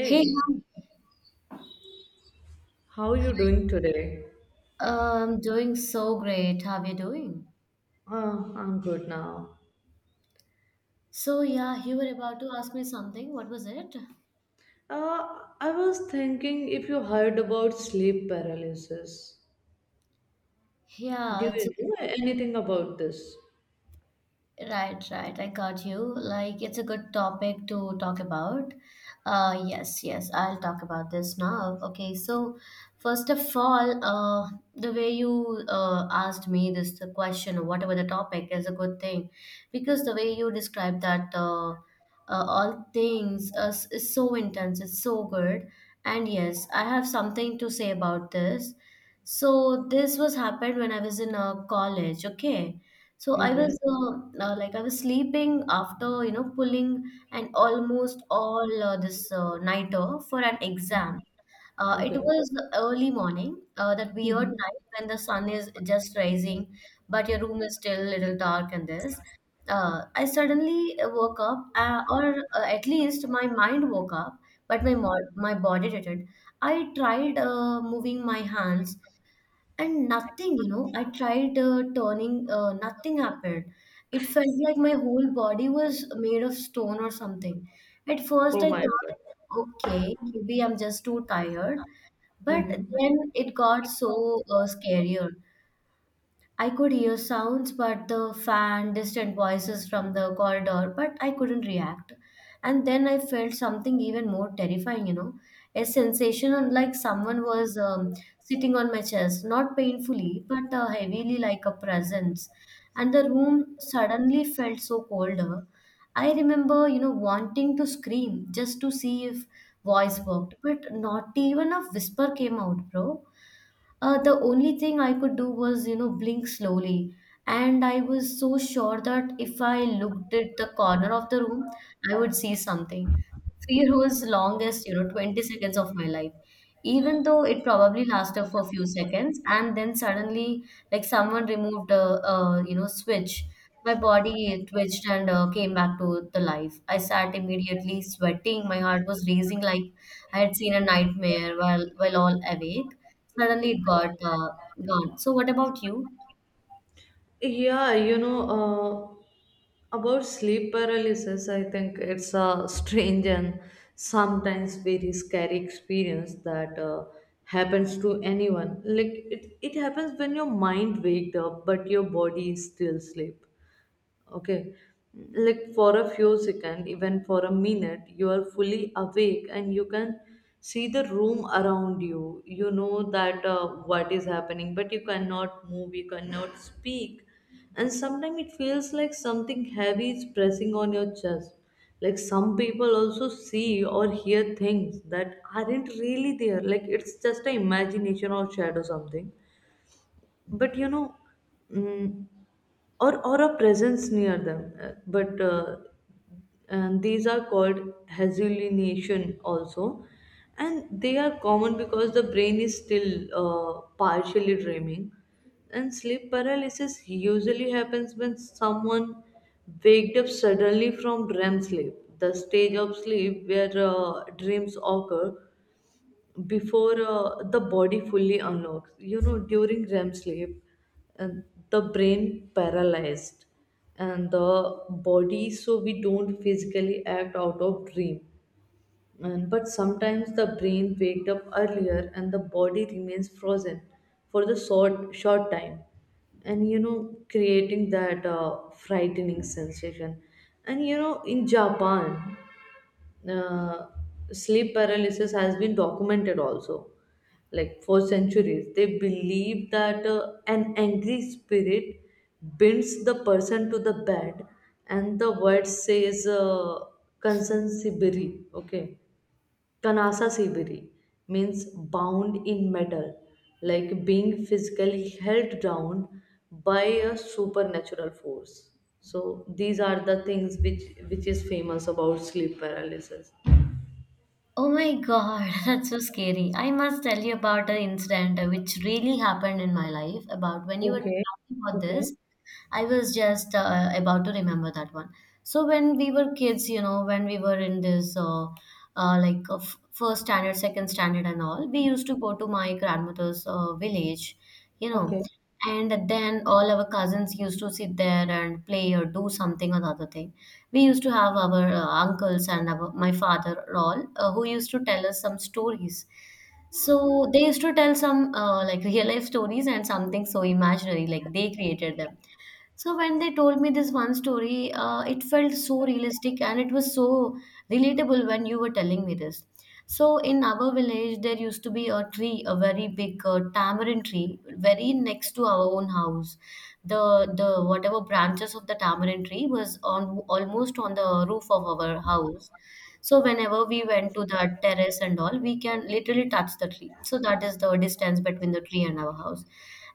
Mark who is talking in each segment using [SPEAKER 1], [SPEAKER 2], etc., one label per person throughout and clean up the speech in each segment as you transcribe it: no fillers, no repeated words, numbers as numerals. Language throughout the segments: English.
[SPEAKER 1] Hey, hon.
[SPEAKER 2] how you doing today?
[SPEAKER 1] Doing so great. How are you doing?
[SPEAKER 2] I'm good now.
[SPEAKER 1] So yeah, you were about to ask me something. What was it?
[SPEAKER 2] I was thinking if you heard about sleep paralysis. Do
[SPEAKER 1] Yeah, it's a.
[SPEAKER 2] you know anything about this?
[SPEAKER 1] Right, right. I got you. Like, it's a good topic to talk about. Yes, yes. I'll talk about this now. Okay, so first of all, the way you asked me this the question, or whatever the topic, is a good thing because the way you describe that all things is so intense. It's so good. And yes, I have something to say about this. So this was happened when I was in college. Okay, so I
[SPEAKER 2] Okay,
[SPEAKER 1] was like I was sleeping after you know pulling an almost all this nighter for an exam. It
[SPEAKER 2] okay.
[SPEAKER 1] was early morning, that weird time when the sun is just rising, but your room is still a little dark and this. I suddenly woke up, or at least my mind woke up, but my mod my body didn't. I tried moving my hands and nothing, you know, I tried turning, nothing happened. It felt like my whole body was made of stone or something. At first
[SPEAKER 2] Oh
[SPEAKER 1] I
[SPEAKER 2] my
[SPEAKER 1] thought,
[SPEAKER 2] God.
[SPEAKER 1] okay, maybe I'm just too tired, but
[SPEAKER 2] Mm-hmm.
[SPEAKER 1] then it got so scarier. I could hear sounds, but the fan, distant voices from the corridor, but I couldn't react. And then I felt something even more terrifying, you know, like someone was sitting on my chest, not painfully, but heavily, like a presence. And the room suddenly felt so colder. I remember, you know, wanting to scream just to see if voice worked, but not even a whisper came out, bro. The only thing I could do was, blink slowly. And I was so sure that if I looked at the corner of the room, I would see something. Fear was longest, 20 seconds of my life. Even though it probably lasted for a few seconds, and then suddenly, like someone removed a, switch. My body twitched and came back to the life. I sat immediately sweating. My heart was racing like I had seen a nightmare while all awake. Suddenly it got gone. So what about you?
[SPEAKER 2] Yeah, about sleep paralysis, I think it's a strange and sometimes very scary experience that happens to anyone. Like it happens when your mind waked up, but your body is still asleep. Okay, like for a few seconds, even for a minute, you are fully awake and you can see the room around you. You know that what is happening, but you cannot move, you cannot speak. And sometimes it feels like something heavy is pressing on your chest, like some people also see or hear things that aren't really there, like it's just an imagination or shadow something. But mm, or a presence near them. But And these are called hallucination also, and they are common because the brain is still partially dreaming. And sleep paralysis usually happens when someone waked up suddenly from REM sleep, the stage of sleep where dreams occur before the body fully unlocks, during rem sleep. And the brain paralyzed and the body, so we don't physically act out of dream. And but sometimes the brain waked up earlier and the body remains frozen for the short time, and creating that frightening sensation. And in japan, uh, sleep paralysis has been documented also. Like for centuries, they believe that an angry spirit binds the person to the bed, and the word says "kansan sibiri." Okay, kanasa sibiri means bound in metal, like being physically held down by a supernatural force. So these are the things which is famous about sleep paralysis.
[SPEAKER 1] Oh my God, that's so scary. I must tell you about an incident which really happened in my life. About when you were
[SPEAKER 2] Okay.
[SPEAKER 1] talking about
[SPEAKER 2] Okay.
[SPEAKER 1] this, I was just about to remember that one. So when we were kids, you know, when we were in this like first standard, second standard, and all, we used to go to my grandmother's village, you know,
[SPEAKER 2] Okay.
[SPEAKER 1] and then all our cousins used to sit there and play or do something or the other thing. We used to have our uncles and my father, all who used to tell us some stories. So they used to tell some like real life stories and something so imaginary like they created them. So when they told me this one story, it felt so realistic and it was so relatable when you were telling me this. So in our village, there used to be a tree, a very big tamarind tree, very next to our own house. The whatever branches of the tamarind tree was on almost on the roof of our house. So whenever we went to the terrace and all, we can literally touch the tree. So that is the distance between the tree and our house.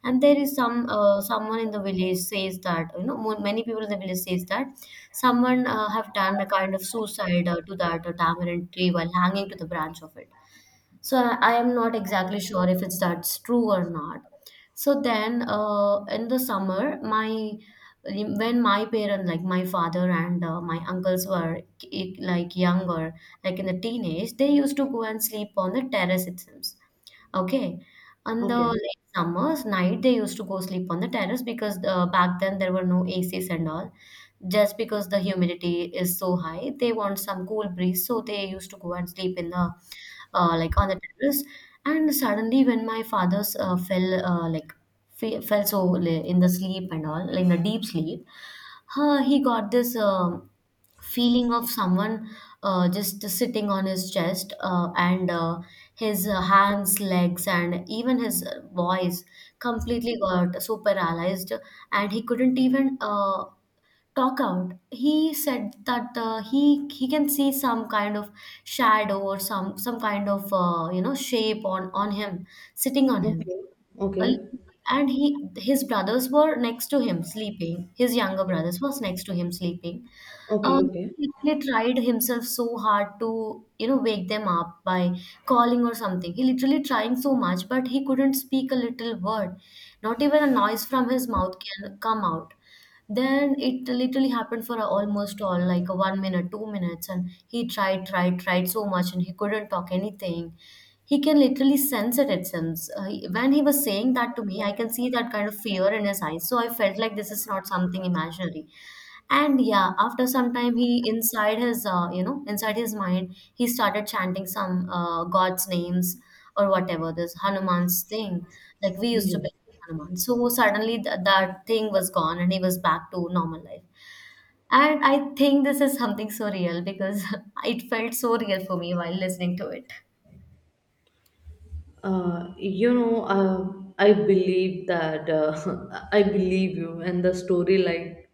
[SPEAKER 1] And there is some someone in the village says that, you know, many people in the village says that someone have done a kind of suicide to that tamarind tree while hanging to the branch of it. So I am not exactly sure if it's that's true or not. So then in the summer my, when my parents, like my father and my uncles were like younger, like in the teenage, they used to go and sleep on the terrace itself. Okay. On the
[SPEAKER 2] Okay.
[SPEAKER 1] late summers night, they used to go sleep on the terrace because back then there were no ACs and all. Just because the humidity is so high, they want some cool breeze, so they used to go and sleep in the like on the terrace. And suddenly, when my father's fell like fe fell so in the sleep and all, like in the deep sleep, he got this. Feeling of someone just sitting on his chest, and his hands, legs, and even his voice completely got so paralyzed, and he couldn't even talk out. He said that he can see some kind of shadow or some kind of you know, shape on him, sitting on him.
[SPEAKER 2] Okay.
[SPEAKER 1] Well,
[SPEAKER 2] Okay.
[SPEAKER 1] and he his brothers were next to him sleeping, his younger brothers was next to him sleeping.
[SPEAKER 2] Okay.
[SPEAKER 1] um,
[SPEAKER 2] Okay.
[SPEAKER 1] he literally tried himself so hard to, you know, wake them up by calling or something. He literally trying so much, but he couldn't speak a little word. Not even a noise from his mouth can come out. Then it literally happened for almost all like a 1 minute, 2 minutes, and he tried, tried, tried so much, and he couldn't talk anything. He can literally sense it. It seems when he was saying that to me, I can see that kind of fear in his eyes. So I felt like this is not something imaginary. And yeah, after some time, he, inside his inside his mind, he started chanting some god's names or whatever this Hanuman's thing, like we used to be
[SPEAKER 2] Yes.
[SPEAKER 1] Hanuman. So suddenly that thing was gone, and he was back to normal life. And I think this is something so real because it felt so real for me while listening to it.
[SPEAKER 2] Uh, you know, uh, I believe that I believe you, and the story like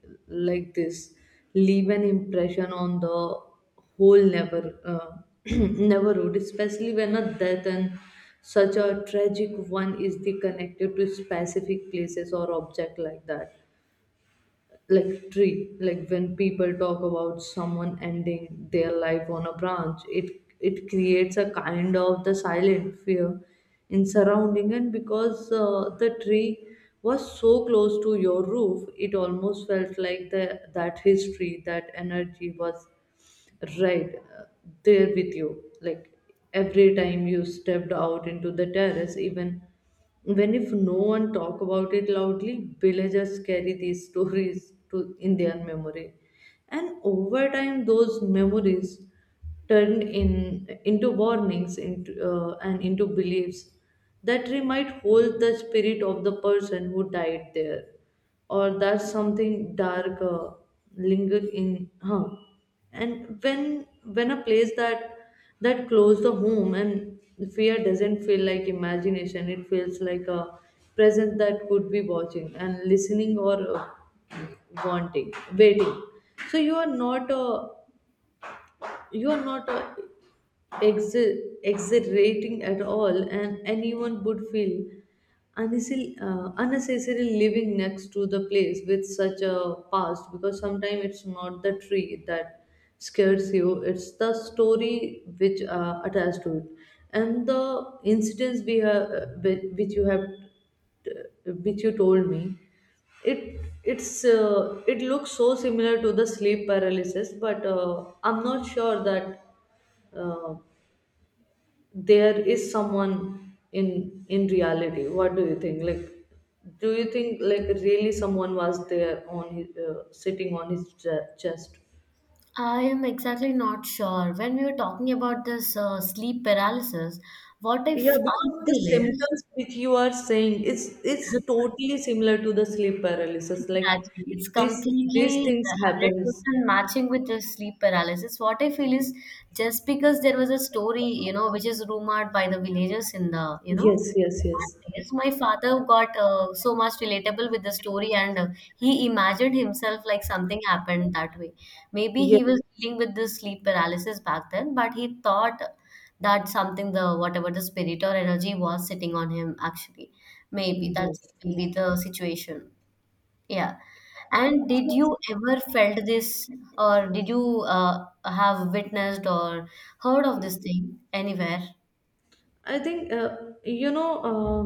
[SPEAKER 2] like this leave an impression on the whole never neighborhood, especially when a death and such a tragic one is the connected to specific places or object like that, like tree, like when people talk about someone ending their life on a branch, it creates a kind of the silent fear in surrounding. And because the tree was so close to your roof, it almost felt like the that history, that energy was right there with you, like every time you stepped out into the terrace, even when if no one talk about it loudly, villagers carry these stories to in their memory. And over time those memories turned in into warnings and into beliefs that might hold the spirit of the person who died there, or that something dark lingered in. Huh. And when a place that that close the home, and fear doesn't feel like imagination, it feels like a presence that could be watching and listening, or wanting, waiting. So you are not a exhilarating at all, and anyone would feel unnecessarily living next to the place with such a past, because sometimes it's not the tree that scares you, it's the story which attached to it. And the incidents we have, which you have, which you told me, it looks so similar to the sleep paralysis, but I'm not sure that uh, there is someone in reality. What do you think like really someone was there on his sitting on his chest?
[SPEAKER 1] I am exactly not sure. When we were talking about this sleep paralysis, what
[SPEAKER 2] Yeah,
[SPEAKER 1] if
[SPEAKER 2] because
[SPEAKER 1] I
[SPEAKER 2] the
[SPEAKER 1] feel is.
[SPEAKER 2] symptoms which you are saying, it's totally similar to the sleep paralysis, like
[SPEAKER 1] Exactly. It's
[SPEAKER 2] these
[SPEAKER 1] completely
[SPEAKER 2] things happens.
[SPEAKER 1] 100% matching with the sleep paralysis. What I feel is, just because there was a story, you know, which is rumored by the villagers in the, you know,
[SPEAKER 2] Yes, yes,
[SPEAKER 1] in
[SPEAKER 2] yes,
[SPEAKER 1] that place, my father got so much relatable with the story, and he imagined himself like something happened that way. Maybe
[SPEAKER 2] yes,
[SPEAKER 1] he was dealing with this sleep paralysis back then, but he thought that something, the whatever the spirit or energy was sitting on him actually. Maybe that's
[SPEAKER 2] yes.
[SPEAKER 1] really the situation. Yeah. And did you ever felt this, or did you have witnessed or heard of this thing anywhere?
[SPEAKER 2] I think, you know Uh,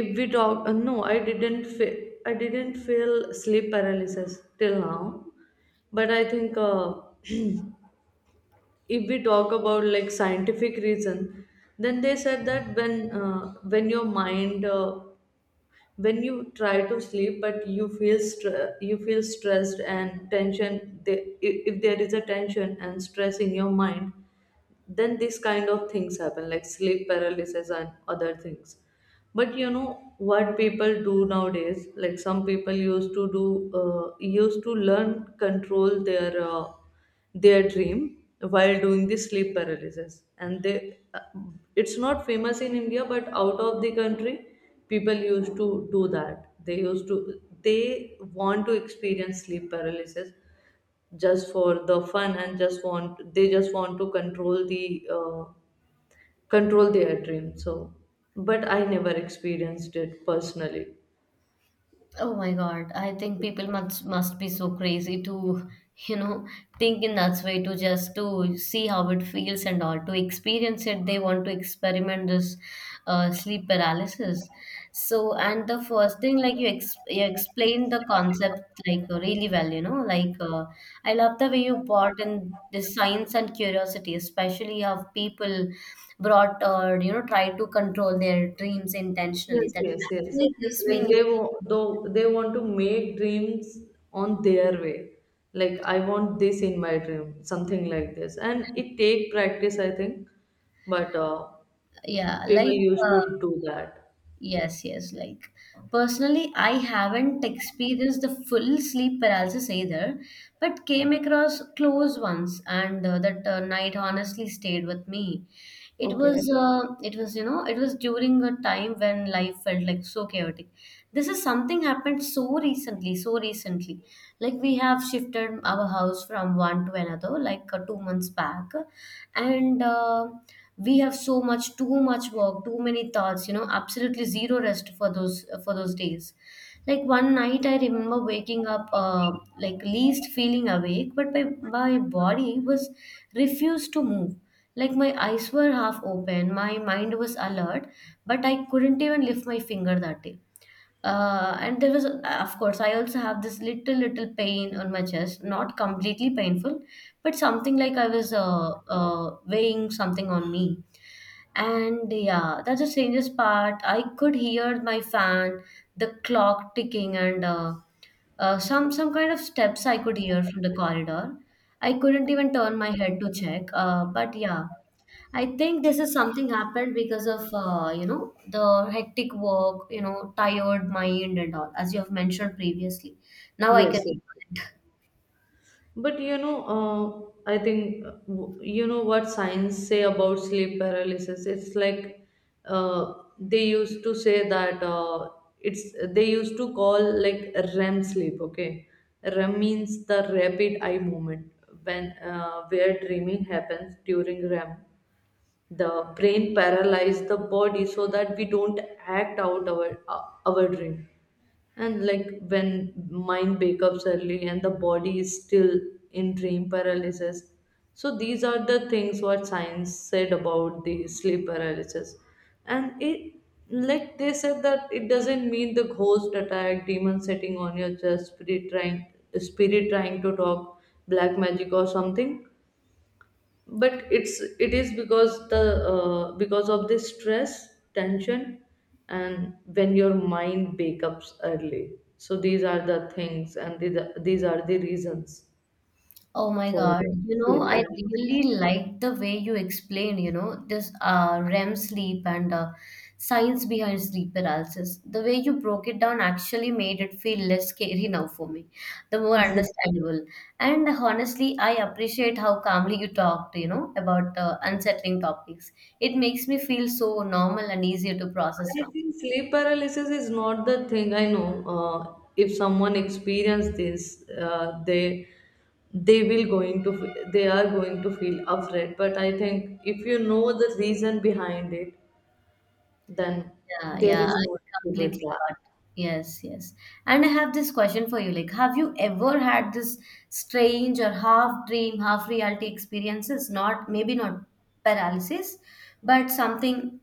[SPEAKER 2] if we talk, no, I didn't feel sleep paralysis till now. But I think, if we talk about like scientific reason, then they said that when your mind, when you try to sleep but you feel you feel stressed and tension, they, if there is a tension and stress in your mind, then this kind of things happen, like sleep paralysis and other things. But you know what people do nowadays, like, some people used to do, used to learn control their their dream while doing the sleep paralysis, and they, it's not famous in India, but out of the country, people used to do that. They used to, they want to experience sleep paralysis just for the fun. And just want they just want to control the control their dream. So but I never experienced it personally.
[SPEAKER 1] Oh my God, I think people must be so crazy to, you know, think in that way, to just to see how it feels and all, to experience it. They want to experiment this sleep paralysis. So, and the first thing, like you, ex you explained the concept like really well, you know, like I love the way you brought in the science and curiosity, especially how people brought, or you know, try to control their dreams intentionally.
[SPEAKER 2] Yes,
[SPEAKER 1] That
[SPEAKER 2] yes, yes.
[SPEAKER 1] actually gives
[SPEAKER 2] Like,
[SPEAKER 1] me
[SPEAKER 2] they
[SPEAKER 1] new.
[SPEAKER 2] want though they want to make dreams on their way, like I want this in my dream, something like this, and it take practice, I think. But
[SPEAKER 1] Yeah,
[SPEAKER 2] people
[SPEAKER 1] like
[SPEAKER 2] used to
[SPEAKER 1] uh,
[SPEAKER 2] do that.
[SPEAKER 1] yes, yes, like personally, I haven't experienced the full sleep paralysis either, but came across close ones, and that night honestly stayed with me. It was,
[SPEAKER 2] Okay.
[SPEAKER 1] it was during a time when life felt like so chaotic. This is something happened so recently, so recently. Like we have shifted our house from one to another, like 2 months back, and we have so much, too much work, too many thoughts. You know, absolutely zero rest for those days. Like one night, I remember waking up, like least feeling awake, but my body was refused to move. Like my eyes were half open, my mind was alert, but I couldn't even lift my finger that day. And there was, of course, I also have this little, little pain on my chest, not completely painful, but something like I was weighing something on me. And yeah, that's the strangest part. I could hear my fan, the clock ticking, and some kind of steps I could hear from the corridor. I couldn't even turn my head to check. But yeah, I think this is something happened because of you know, the hectic work, you know, tired mind and all, as you have mentioned previously. Now I can.
[SPEAKER 2] Yes, yes. But I think, you know what science say about sleep paralysis. It's like, uh, they used to say that, it's they used to call like REM sleep. Okay, REM means the rapid eye movement when where dreaming happens during REM. The brain paralyzes the body so that we don't act out our dream, and like when mind wake up early and the body is still in dream paralysis. So these are the things what science said about the sleep paralysis. And it, like, they said that it doesn't mean the ghost attack, demon sitting on your chest, spirit trying to talk, black magic or something, but it is because the because of this stress tension, and when your mind wake up early. So these are the things, and these are the reasons
[SPEAKER 1] Oh my
[SPEAKER 2] for
[SPEAKER 1] God. You know,
[SPEAKER 2] sleep
[SPEAKER 1] I
[SPEAKER 2] paralysis.
[SPEAKER 1] really like the way you explain, you know, this REM sleep and science behind sleep paralysis. The way you broke it down actually made it feel less scary now for me, the more understandable. And honestly, I appreciate how calmly you talked, about unsettling topics. It makes me feel so normal and easier to process
[SPEAKER 2] I
[SPEAKER 1] now.
[SPEAKER 2] think sleep paralysis is not the thing. I know, if someone experiences this, they will going to f- they are going to feel afraid. But I think, if you know the reason behind it, then
[SPEAKER 1] Yeah,
[SPEAKER 2] there
[SPEAKER 1] yeah,
[SPEAKER 2] is
[SPEAKER 1] I
[SPEAKER 2] no issue with
[SPEAKER 1] completely
[SPEAKER 2] that.
[SPEAKER 1] got. Yes, yes. And I have this question for you. Like, have you ever had this strange or half dream, half reality experiences? Not maybe not paralysis, but something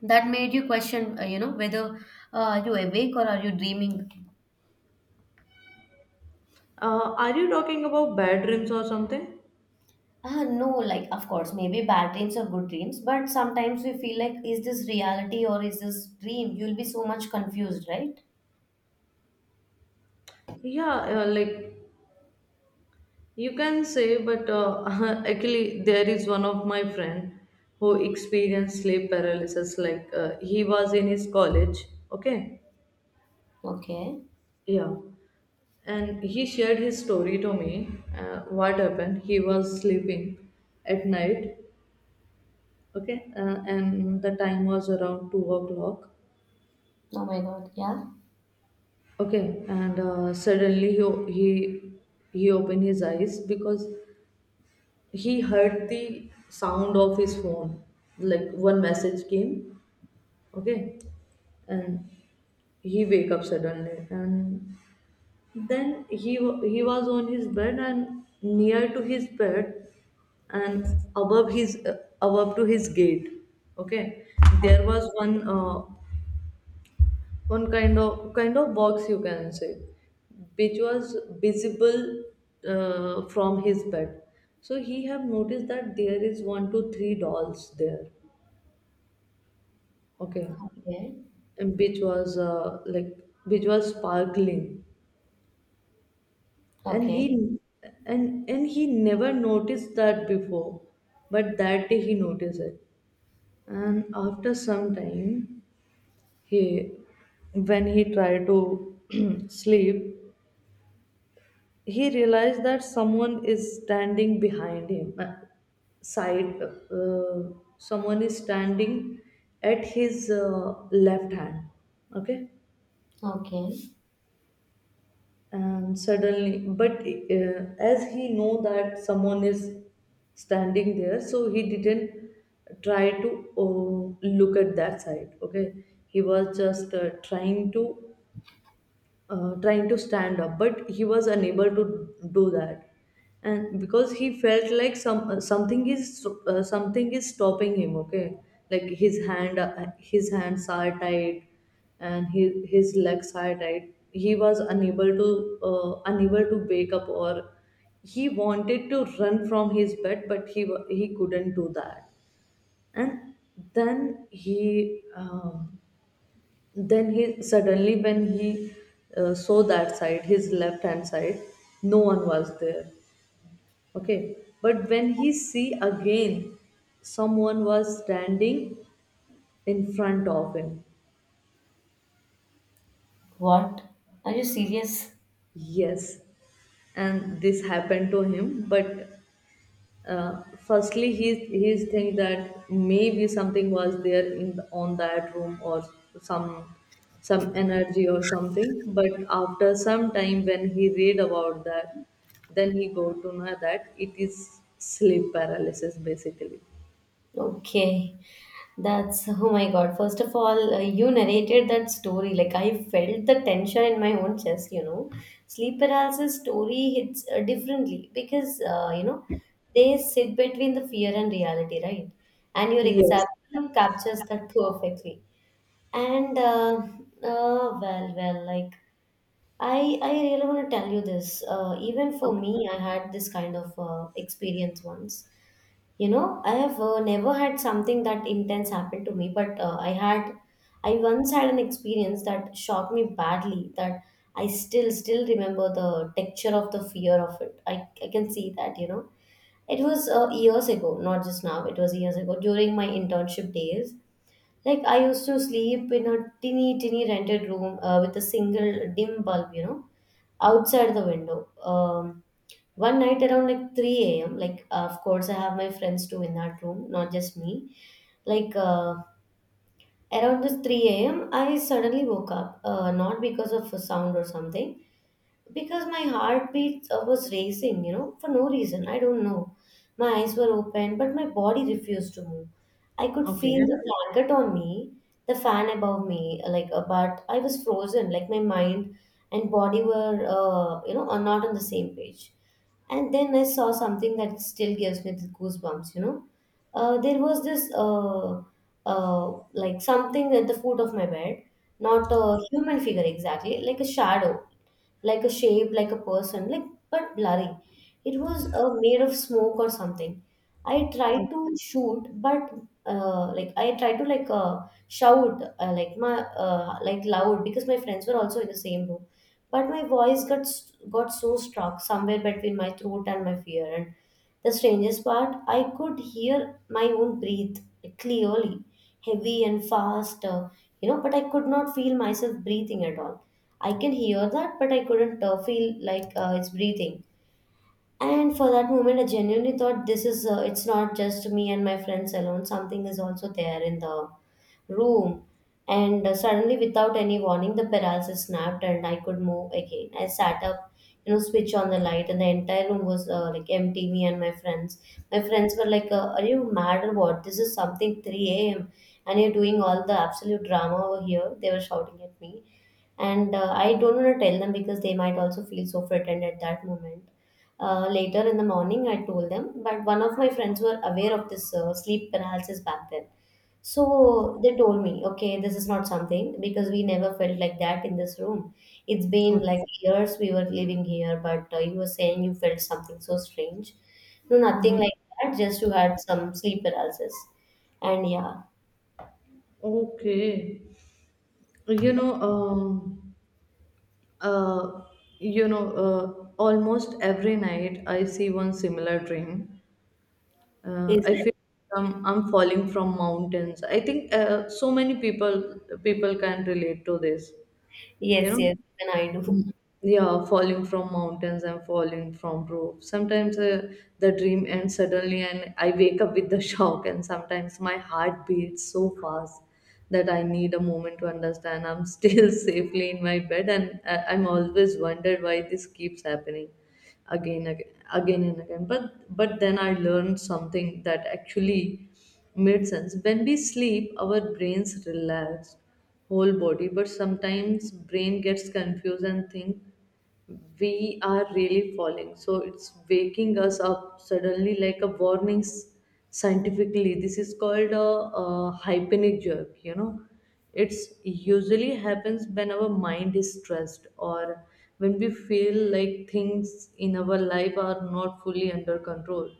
[SPEAKER 1] that made you question, whether are you awake or are you dreaming?
[SPEAKER 2] Are you talking about bad dreams or something?
[SPEAKER 1] No, like of course, maybe bad dreams or good dreams, but sometimes we feel like, is this reality or is this dream? You'll be so much confused, right?
[SPEAKER 2] Yeah, like, you can say. But actually, there is one of my friend who experienced sleep paralysis. Like, he was in his college. Okay,
[SPEAKER 1] Okay.
[SPEAKER 2] yeah, and he shared his story to me. What happened? He was sleeping at night. Okay, and the time was around 2 o'clock.
[SPEAKER 1] Oh my God. Yeah.
[SPEAKER 2] Okay, and suddenly he o- he he opened his eyes because he heard the sound of his phone. Like, one message came. Okay, and he wake up suddenly. And then he was on his bed and near to his bed, and above his above to his gate. Okay, there was one, on kind of box, you can say, which was visible, from his bed. So he have noticed that there is one to three dolls there. Okay.
[SPEAKER 1] Okay.
[SPEAKER 2] And which was sparkling. And he
[SPEAKER 1] Okay,
[SPEAKER 2] and he never noticed that before, but that day he noticed it. And after some time, he when he tried to sleep, he realized that someone is standing behind him, side, someone is standing at his left hand. Okay.
[SPEAKER 1] okay.
[SPEAKER 2] And suddenly, but, as he know that someone is standing there, so he didn't try to look at that side. Okay, he was just, trying to stand up, but he was unable to do that, and because he felt like something is stopping him. Okay, like his hands are tight, and his legs are tight. He was unable to wake up, or he wanted to run from his bed, but he couldn't do that. And then he um, then he suddenly, when he saw that side, his left hand side, no one was there. Okay, but when he see again, someone was standing in front of him.
[SPEAKER 1] What? Are you serious?
[SPEAKER 2] Yes, and this happened to him. But, firstly he's think that maybe something was there on that room, or some some energy or something. But after some time, when he read about that, then he go to know that it is sleep paralysis basically.
[SPEAKER 1] Okay, that's oh my God. First of all, you narrated that story. Like, I felt the tension in my own chest, you know. Sleep paralysis story hits differently because, you know, they sit between the fear and reality, right? And your
[SPEAKER 2] Yes.
[SPEAKER 1] example captures that perfectly. And, like, I really want to tell you this. Even for me, I had this kind of experience once. You know, I have never had something that intense happen to me, but I once had an experience that shocked me badly. That I still remember the texture of the fear of it. I can see that. You know, it was years ago, not just now. It was years ago during my internship days. Like I used to sleep in a teeny teeny rented room with a single dim bulb. You know outside the window. One night around like 3 a.m., like, of course, I have my friends too in that room, not just me. Like, uh, Around this 3 a.m., I suddenly woke up, not because of a sound or something because my heartbeat was racing, you know, for no reason. I don't know. My eyes were open, but my body refused to move. I could feel the blanket on me, the fan above me, but I was frozen. Like, my mind and body were, are not on the same page. And then I saw something that still gives me the goosebumps, you know. There was this, like, something at the foot of my bed, not a human figure exactly, like a shadow like a shape, like a person, like but blurry. It was made of smoke or something. I tried to shoot, but I tried to shout like my like loud because my friends were also in the same room. But my voice got so stuck somewhere between my throat and my fear, and the strangest part, I could hear my own breathe clearly, heavy and fast, but I could not feel myself breathing at all. I can hear that, but I couldn't feel like it's breathing. And for that moment, I genuinely thought this is, it's not just me and my friends alone, something is also there in the room, and suddenly, without any warning, the paralysis snapped, and I could move again. I sat up, you know, switch on the light, and the entire room was like empty. Me and my friends were like, "Are you mad or what? This is something 3 a.m. and you're doing all the absolute drama over here." They were shouting at me and I don't want to tell them because they might also feel so frightened at that moment. Later in the morning I told them, but one of my friends were aware of this sleep paralysis back then. So they told me, okay, this is not something because we never felt like that in this room. It's been
[SPEAKER 2] Okay.
[SPEAKER 1] like years we were living here, but you were saying you felt something so strange. No, nothing
[SPEAKER 2] Hmm.
[SPEAKER 1] like that, just you had some sleep paralysis. And yeah,
[SPEAKER 2] Okay. You know, um, uh, Almost every night I see one similar dream. uh,
[SPEAKER 1] is
[SPEAKER 2] I feel
[SPEAKER 1] it?
[SPEAKER 2] I'm falling from mountains. I think, so many people can relate to this. You
[SPEAKER 1] Yes,
[SPEAKER 2] know.
[SPEAKER 1] yes, even I do.
[SPEAKER 2] Yeah, falling from mountains and falling from roofs. Sometimes, the dream ends suddenly, and I wake up with the shock. And sometimes my heart beats so fast that I need a moment to understand. I'm still safely in my bed, and I'm always wondered why this keeps happening again, again, again and again. But then I learned something that actually made sense. When we sleep, our brains relax whole body, but sometimes brain gets confused and think we are really falling, so it's waking us up suddenly like a warning scientifically. This is called a hypenic jerk, you know. It's usually happens when our mind is stressed or when we feel like things in our life are not fully under control.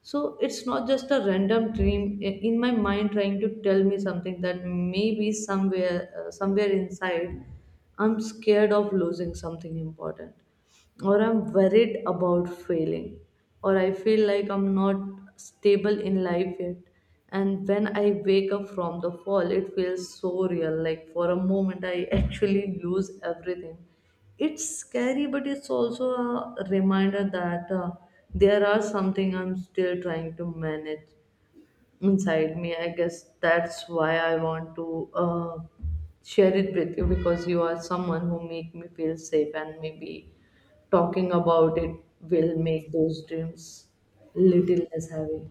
[SPEAKER 2] So it's not just a random dream, in my mind trying to tell me something, that maybe somewhere, somewhere inside, I'm scared of losing something important, or I'm worried about failing, or I feel like I'm not stable in life yet. And when I wake up from the fall, it feels so real. Like for a moment, I actually lose everything. It's scary, but it's also a reminder that there are something I'm still trying to manage inside me. I guess that's why I want to share it with you, because you are someone who make me feel safe, and maybe talking about it will make those dreams little less heavy.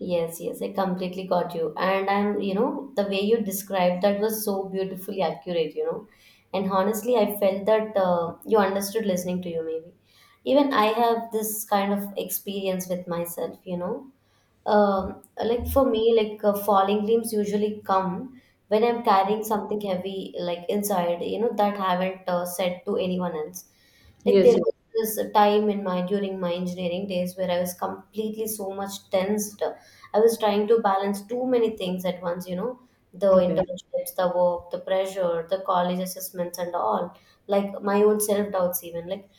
[SPEAKER 1] Yes, yes, I completely got you. And I'm, you know, the way you described that was so beautifully accurate, you know. And honestly, I felt that you understood listening to you, maybe. Even I have this kind of experience with myself, you know. Like for me, like falling limbs usually come when I'm carrying something heavy, like inside, you know, that I haven't said to anyone else. Like
[SPEAKER 2] Yes,
[SPEAKER 1] there
[SPEAKER 2] yes.
[SPEAKER 1] was this time in my during my engineering days where I was completely so much tensed. I was trying to balance too many things at once, you know, the
[SPEAKER 2] Okay.
[SPEAKER 1] internships, the work, the pressure, the college assessments and all. Like my own self-doubts even. Like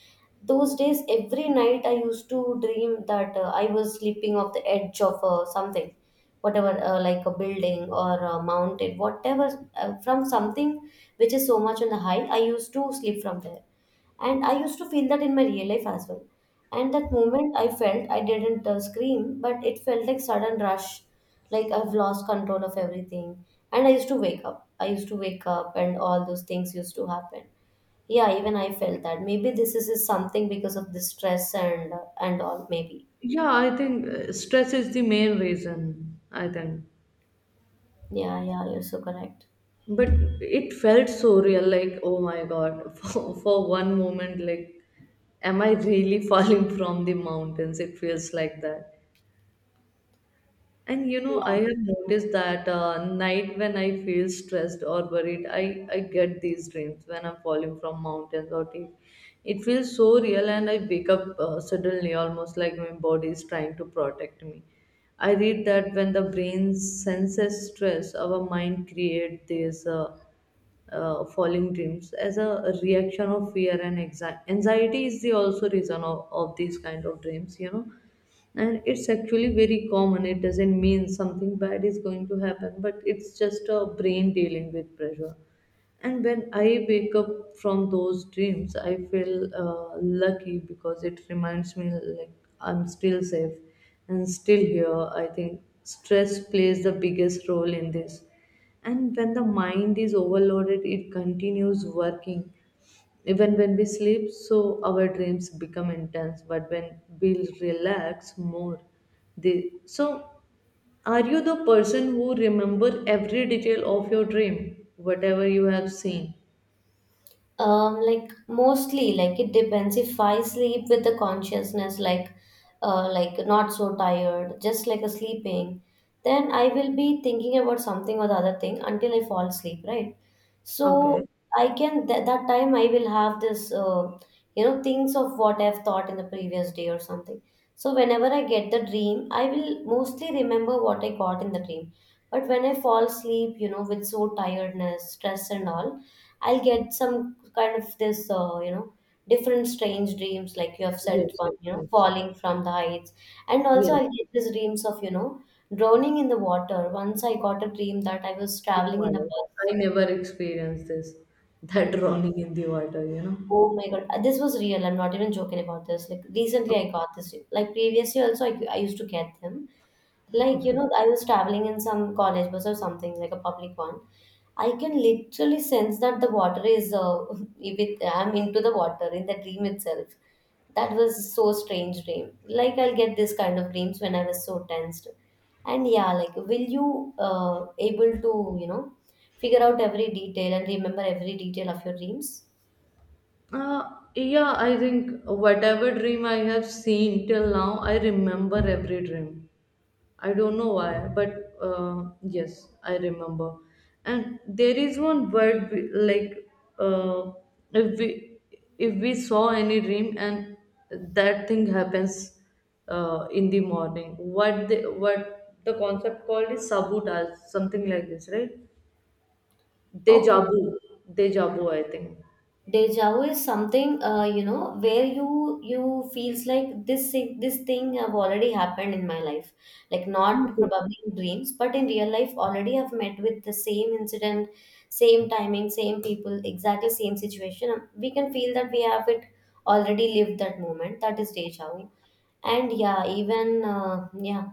[SPEAKER 1] those days every night I used to dream that I was sleeping off the edge of something, whatever like a building or a mountain whatever, from something which is so much on the high, I used to sleep from there. And I used to feel that in my real life as well. And that moment I felt, I didn't scream, but it felt like sudden rush, like I've lost control of everything. And I used to wake up. I used to wake up, and all those things used to happen. Yeah, even I felt that. Maybe this is something because of the stress and all. Maybe.
[SPEAKER 2] Yeah, I think stress is the main reason, I think.
[SPEAKER 1] Yeah, yeah, you're so correct.
[SPEAKER 2] But it felt so real, like oh my God, for one moment, like am I really falling from the mountains? It feels like that. And you know, I have noticed that night when I feel stressed or worried, I get these dreams when I'm falling from mountains or deep. It feels so real, and I wake up suddenly, almost like my body is trying to protect me. I read that when the brain senses stress, our mind creates these falling dreams as a reaction of fear and anxiety. Is the also reason of these kind of dreams, you know. And it's actually very common. It doesn't mean something bad is going to happen, but it's just a brain dealing with pressure. And when I wake up from those dreams, I feel lucky, because it reminds me like I'm still safe and still here. I think stress plays the biggest role in this. And when the mind is overloaded, it continues working even when we sleep, so our dreams become intense, but when we relax more, they so are you the person who remember every detail of your dream, whatever you have seen?
[SPEAKER 1] Like mostly, like it depends. If I sleep with the consciousness, like not so tired, just like a sleeping, then I will be thinking about something or the other thing until I fall asleep, right?
[SPEAKER 2] Okay.
[SPEAKER 1] So I can that time I will have this you know things of what I've thought in the previous day or something. So whenever I get the dream, I will mostly remember what I got in the dream. But when I fall asleep, you know, with so tiredness, stress, and all, I'll get some kind of this you know different strange dreams, like you have said,
[SPEAKER 2] Yes,
[SPEAKER 1] one
[SPEAKER 2] yes,
[SPEAKER 1] you know
[SPEAKER 2] yes.
[SPEAKER 1] falling from the heights, and also
[SPEAKER 2] Yes.
[SPEAKER 1] I'll get these dreams of you know drowning in the water. Once I got a dream that I was
[SPEAKER 2] Oh
[SPEAKER 1] traveling
[SPEAKER 2] my
[SPEAKER 1] in a
[SPEAKER 2] God. I never experienced this. That
[SPEAKER 1] bus.
[SPEAKER 2] drowning in the water, you
[SPEAKER 1] Oh my God, this was real. I'm not even joking about this. Like recently,
[SPEAKER 2] know.
[SPEAKER 1] I got this. Like previously, also I used to get them. Like you
[SPEAKER 2] Okay.
[SPEAKER 1] know, I was traveling in some college bus or something, like a public one. I can literally sense that the water is with. I'm into the water in the dream itself. That was so strange dream. Like I'll get this kind of dreams when I was so tensed. And yeah, like will you able to you know figure out every detail and remember every detail of your dreams?
[SPEAKER 2] Yeah, I think whatever dream I have seen till now, I remember every dream. I don't know why, but yes, I remember. And there is one word like uh, if we if we saw any dream and that thing happens in the morning, what the concept called is sabotage, something like this, right? Deja
[SPEAKER 1] Okay.
[SPEAKER 2] vu, deja vu, I think.
[SPEAKER 1] Deja vu is something you know where you feels like this thing have already happened in my life, like not
[SPEAKER 2] Okay.
[SPEAKER 1] probably in dreams but in real life. Already I've met with the same incident, same timing, same people, exactly same situation. We can feel that we have it already lived that moment. That is deja vu. And yeah, even yeah,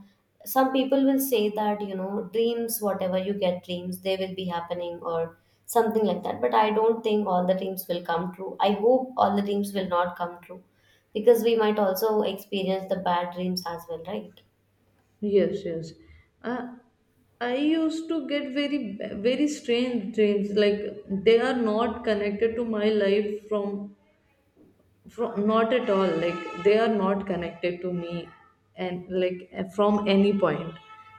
[SPEAKER 1] some people will say that you know dreams, whatever you get dreams, they will be happening or something like that. But I don't think all the dreams will come true. I hope all the dreams will not come true because we might also experience the bad dreams as well, right?
[SPEAKER 2] Yes, yes. I, I used to get very, very strange dreams. Like they are not connected to my life from not at all. Like they are not connected to me, and like from any point.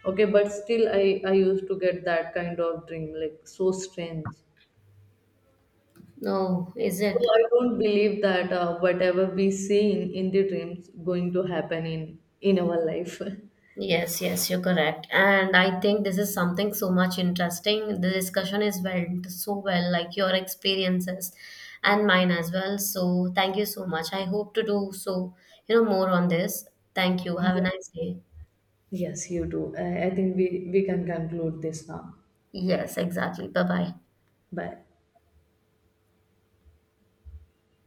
[SPEAKER 2] Okay, but still, I used to get that kind of dream. Like so strange.
[SPEAKER 1] No, is
[SPEAKER 2] So
[SPEAKER 1] it?
[SPEAKER 2] I don't believe that whatever we see in the dreams going to happen in our life.
[SPEAKER 1] Yes, yes, you're correct. And I think this is something so much interesting. The discussion is went so well, like your experiences and mine as well. So thank you so much. I hope to do so, you know, more on this. Thank you. Have a nice day.
[SPEAKER 2] Yes, you do. I think we can conclude this now.
[SPEAKER 1] Yes, exactly. Bye bye.
[SPEAKER 2] But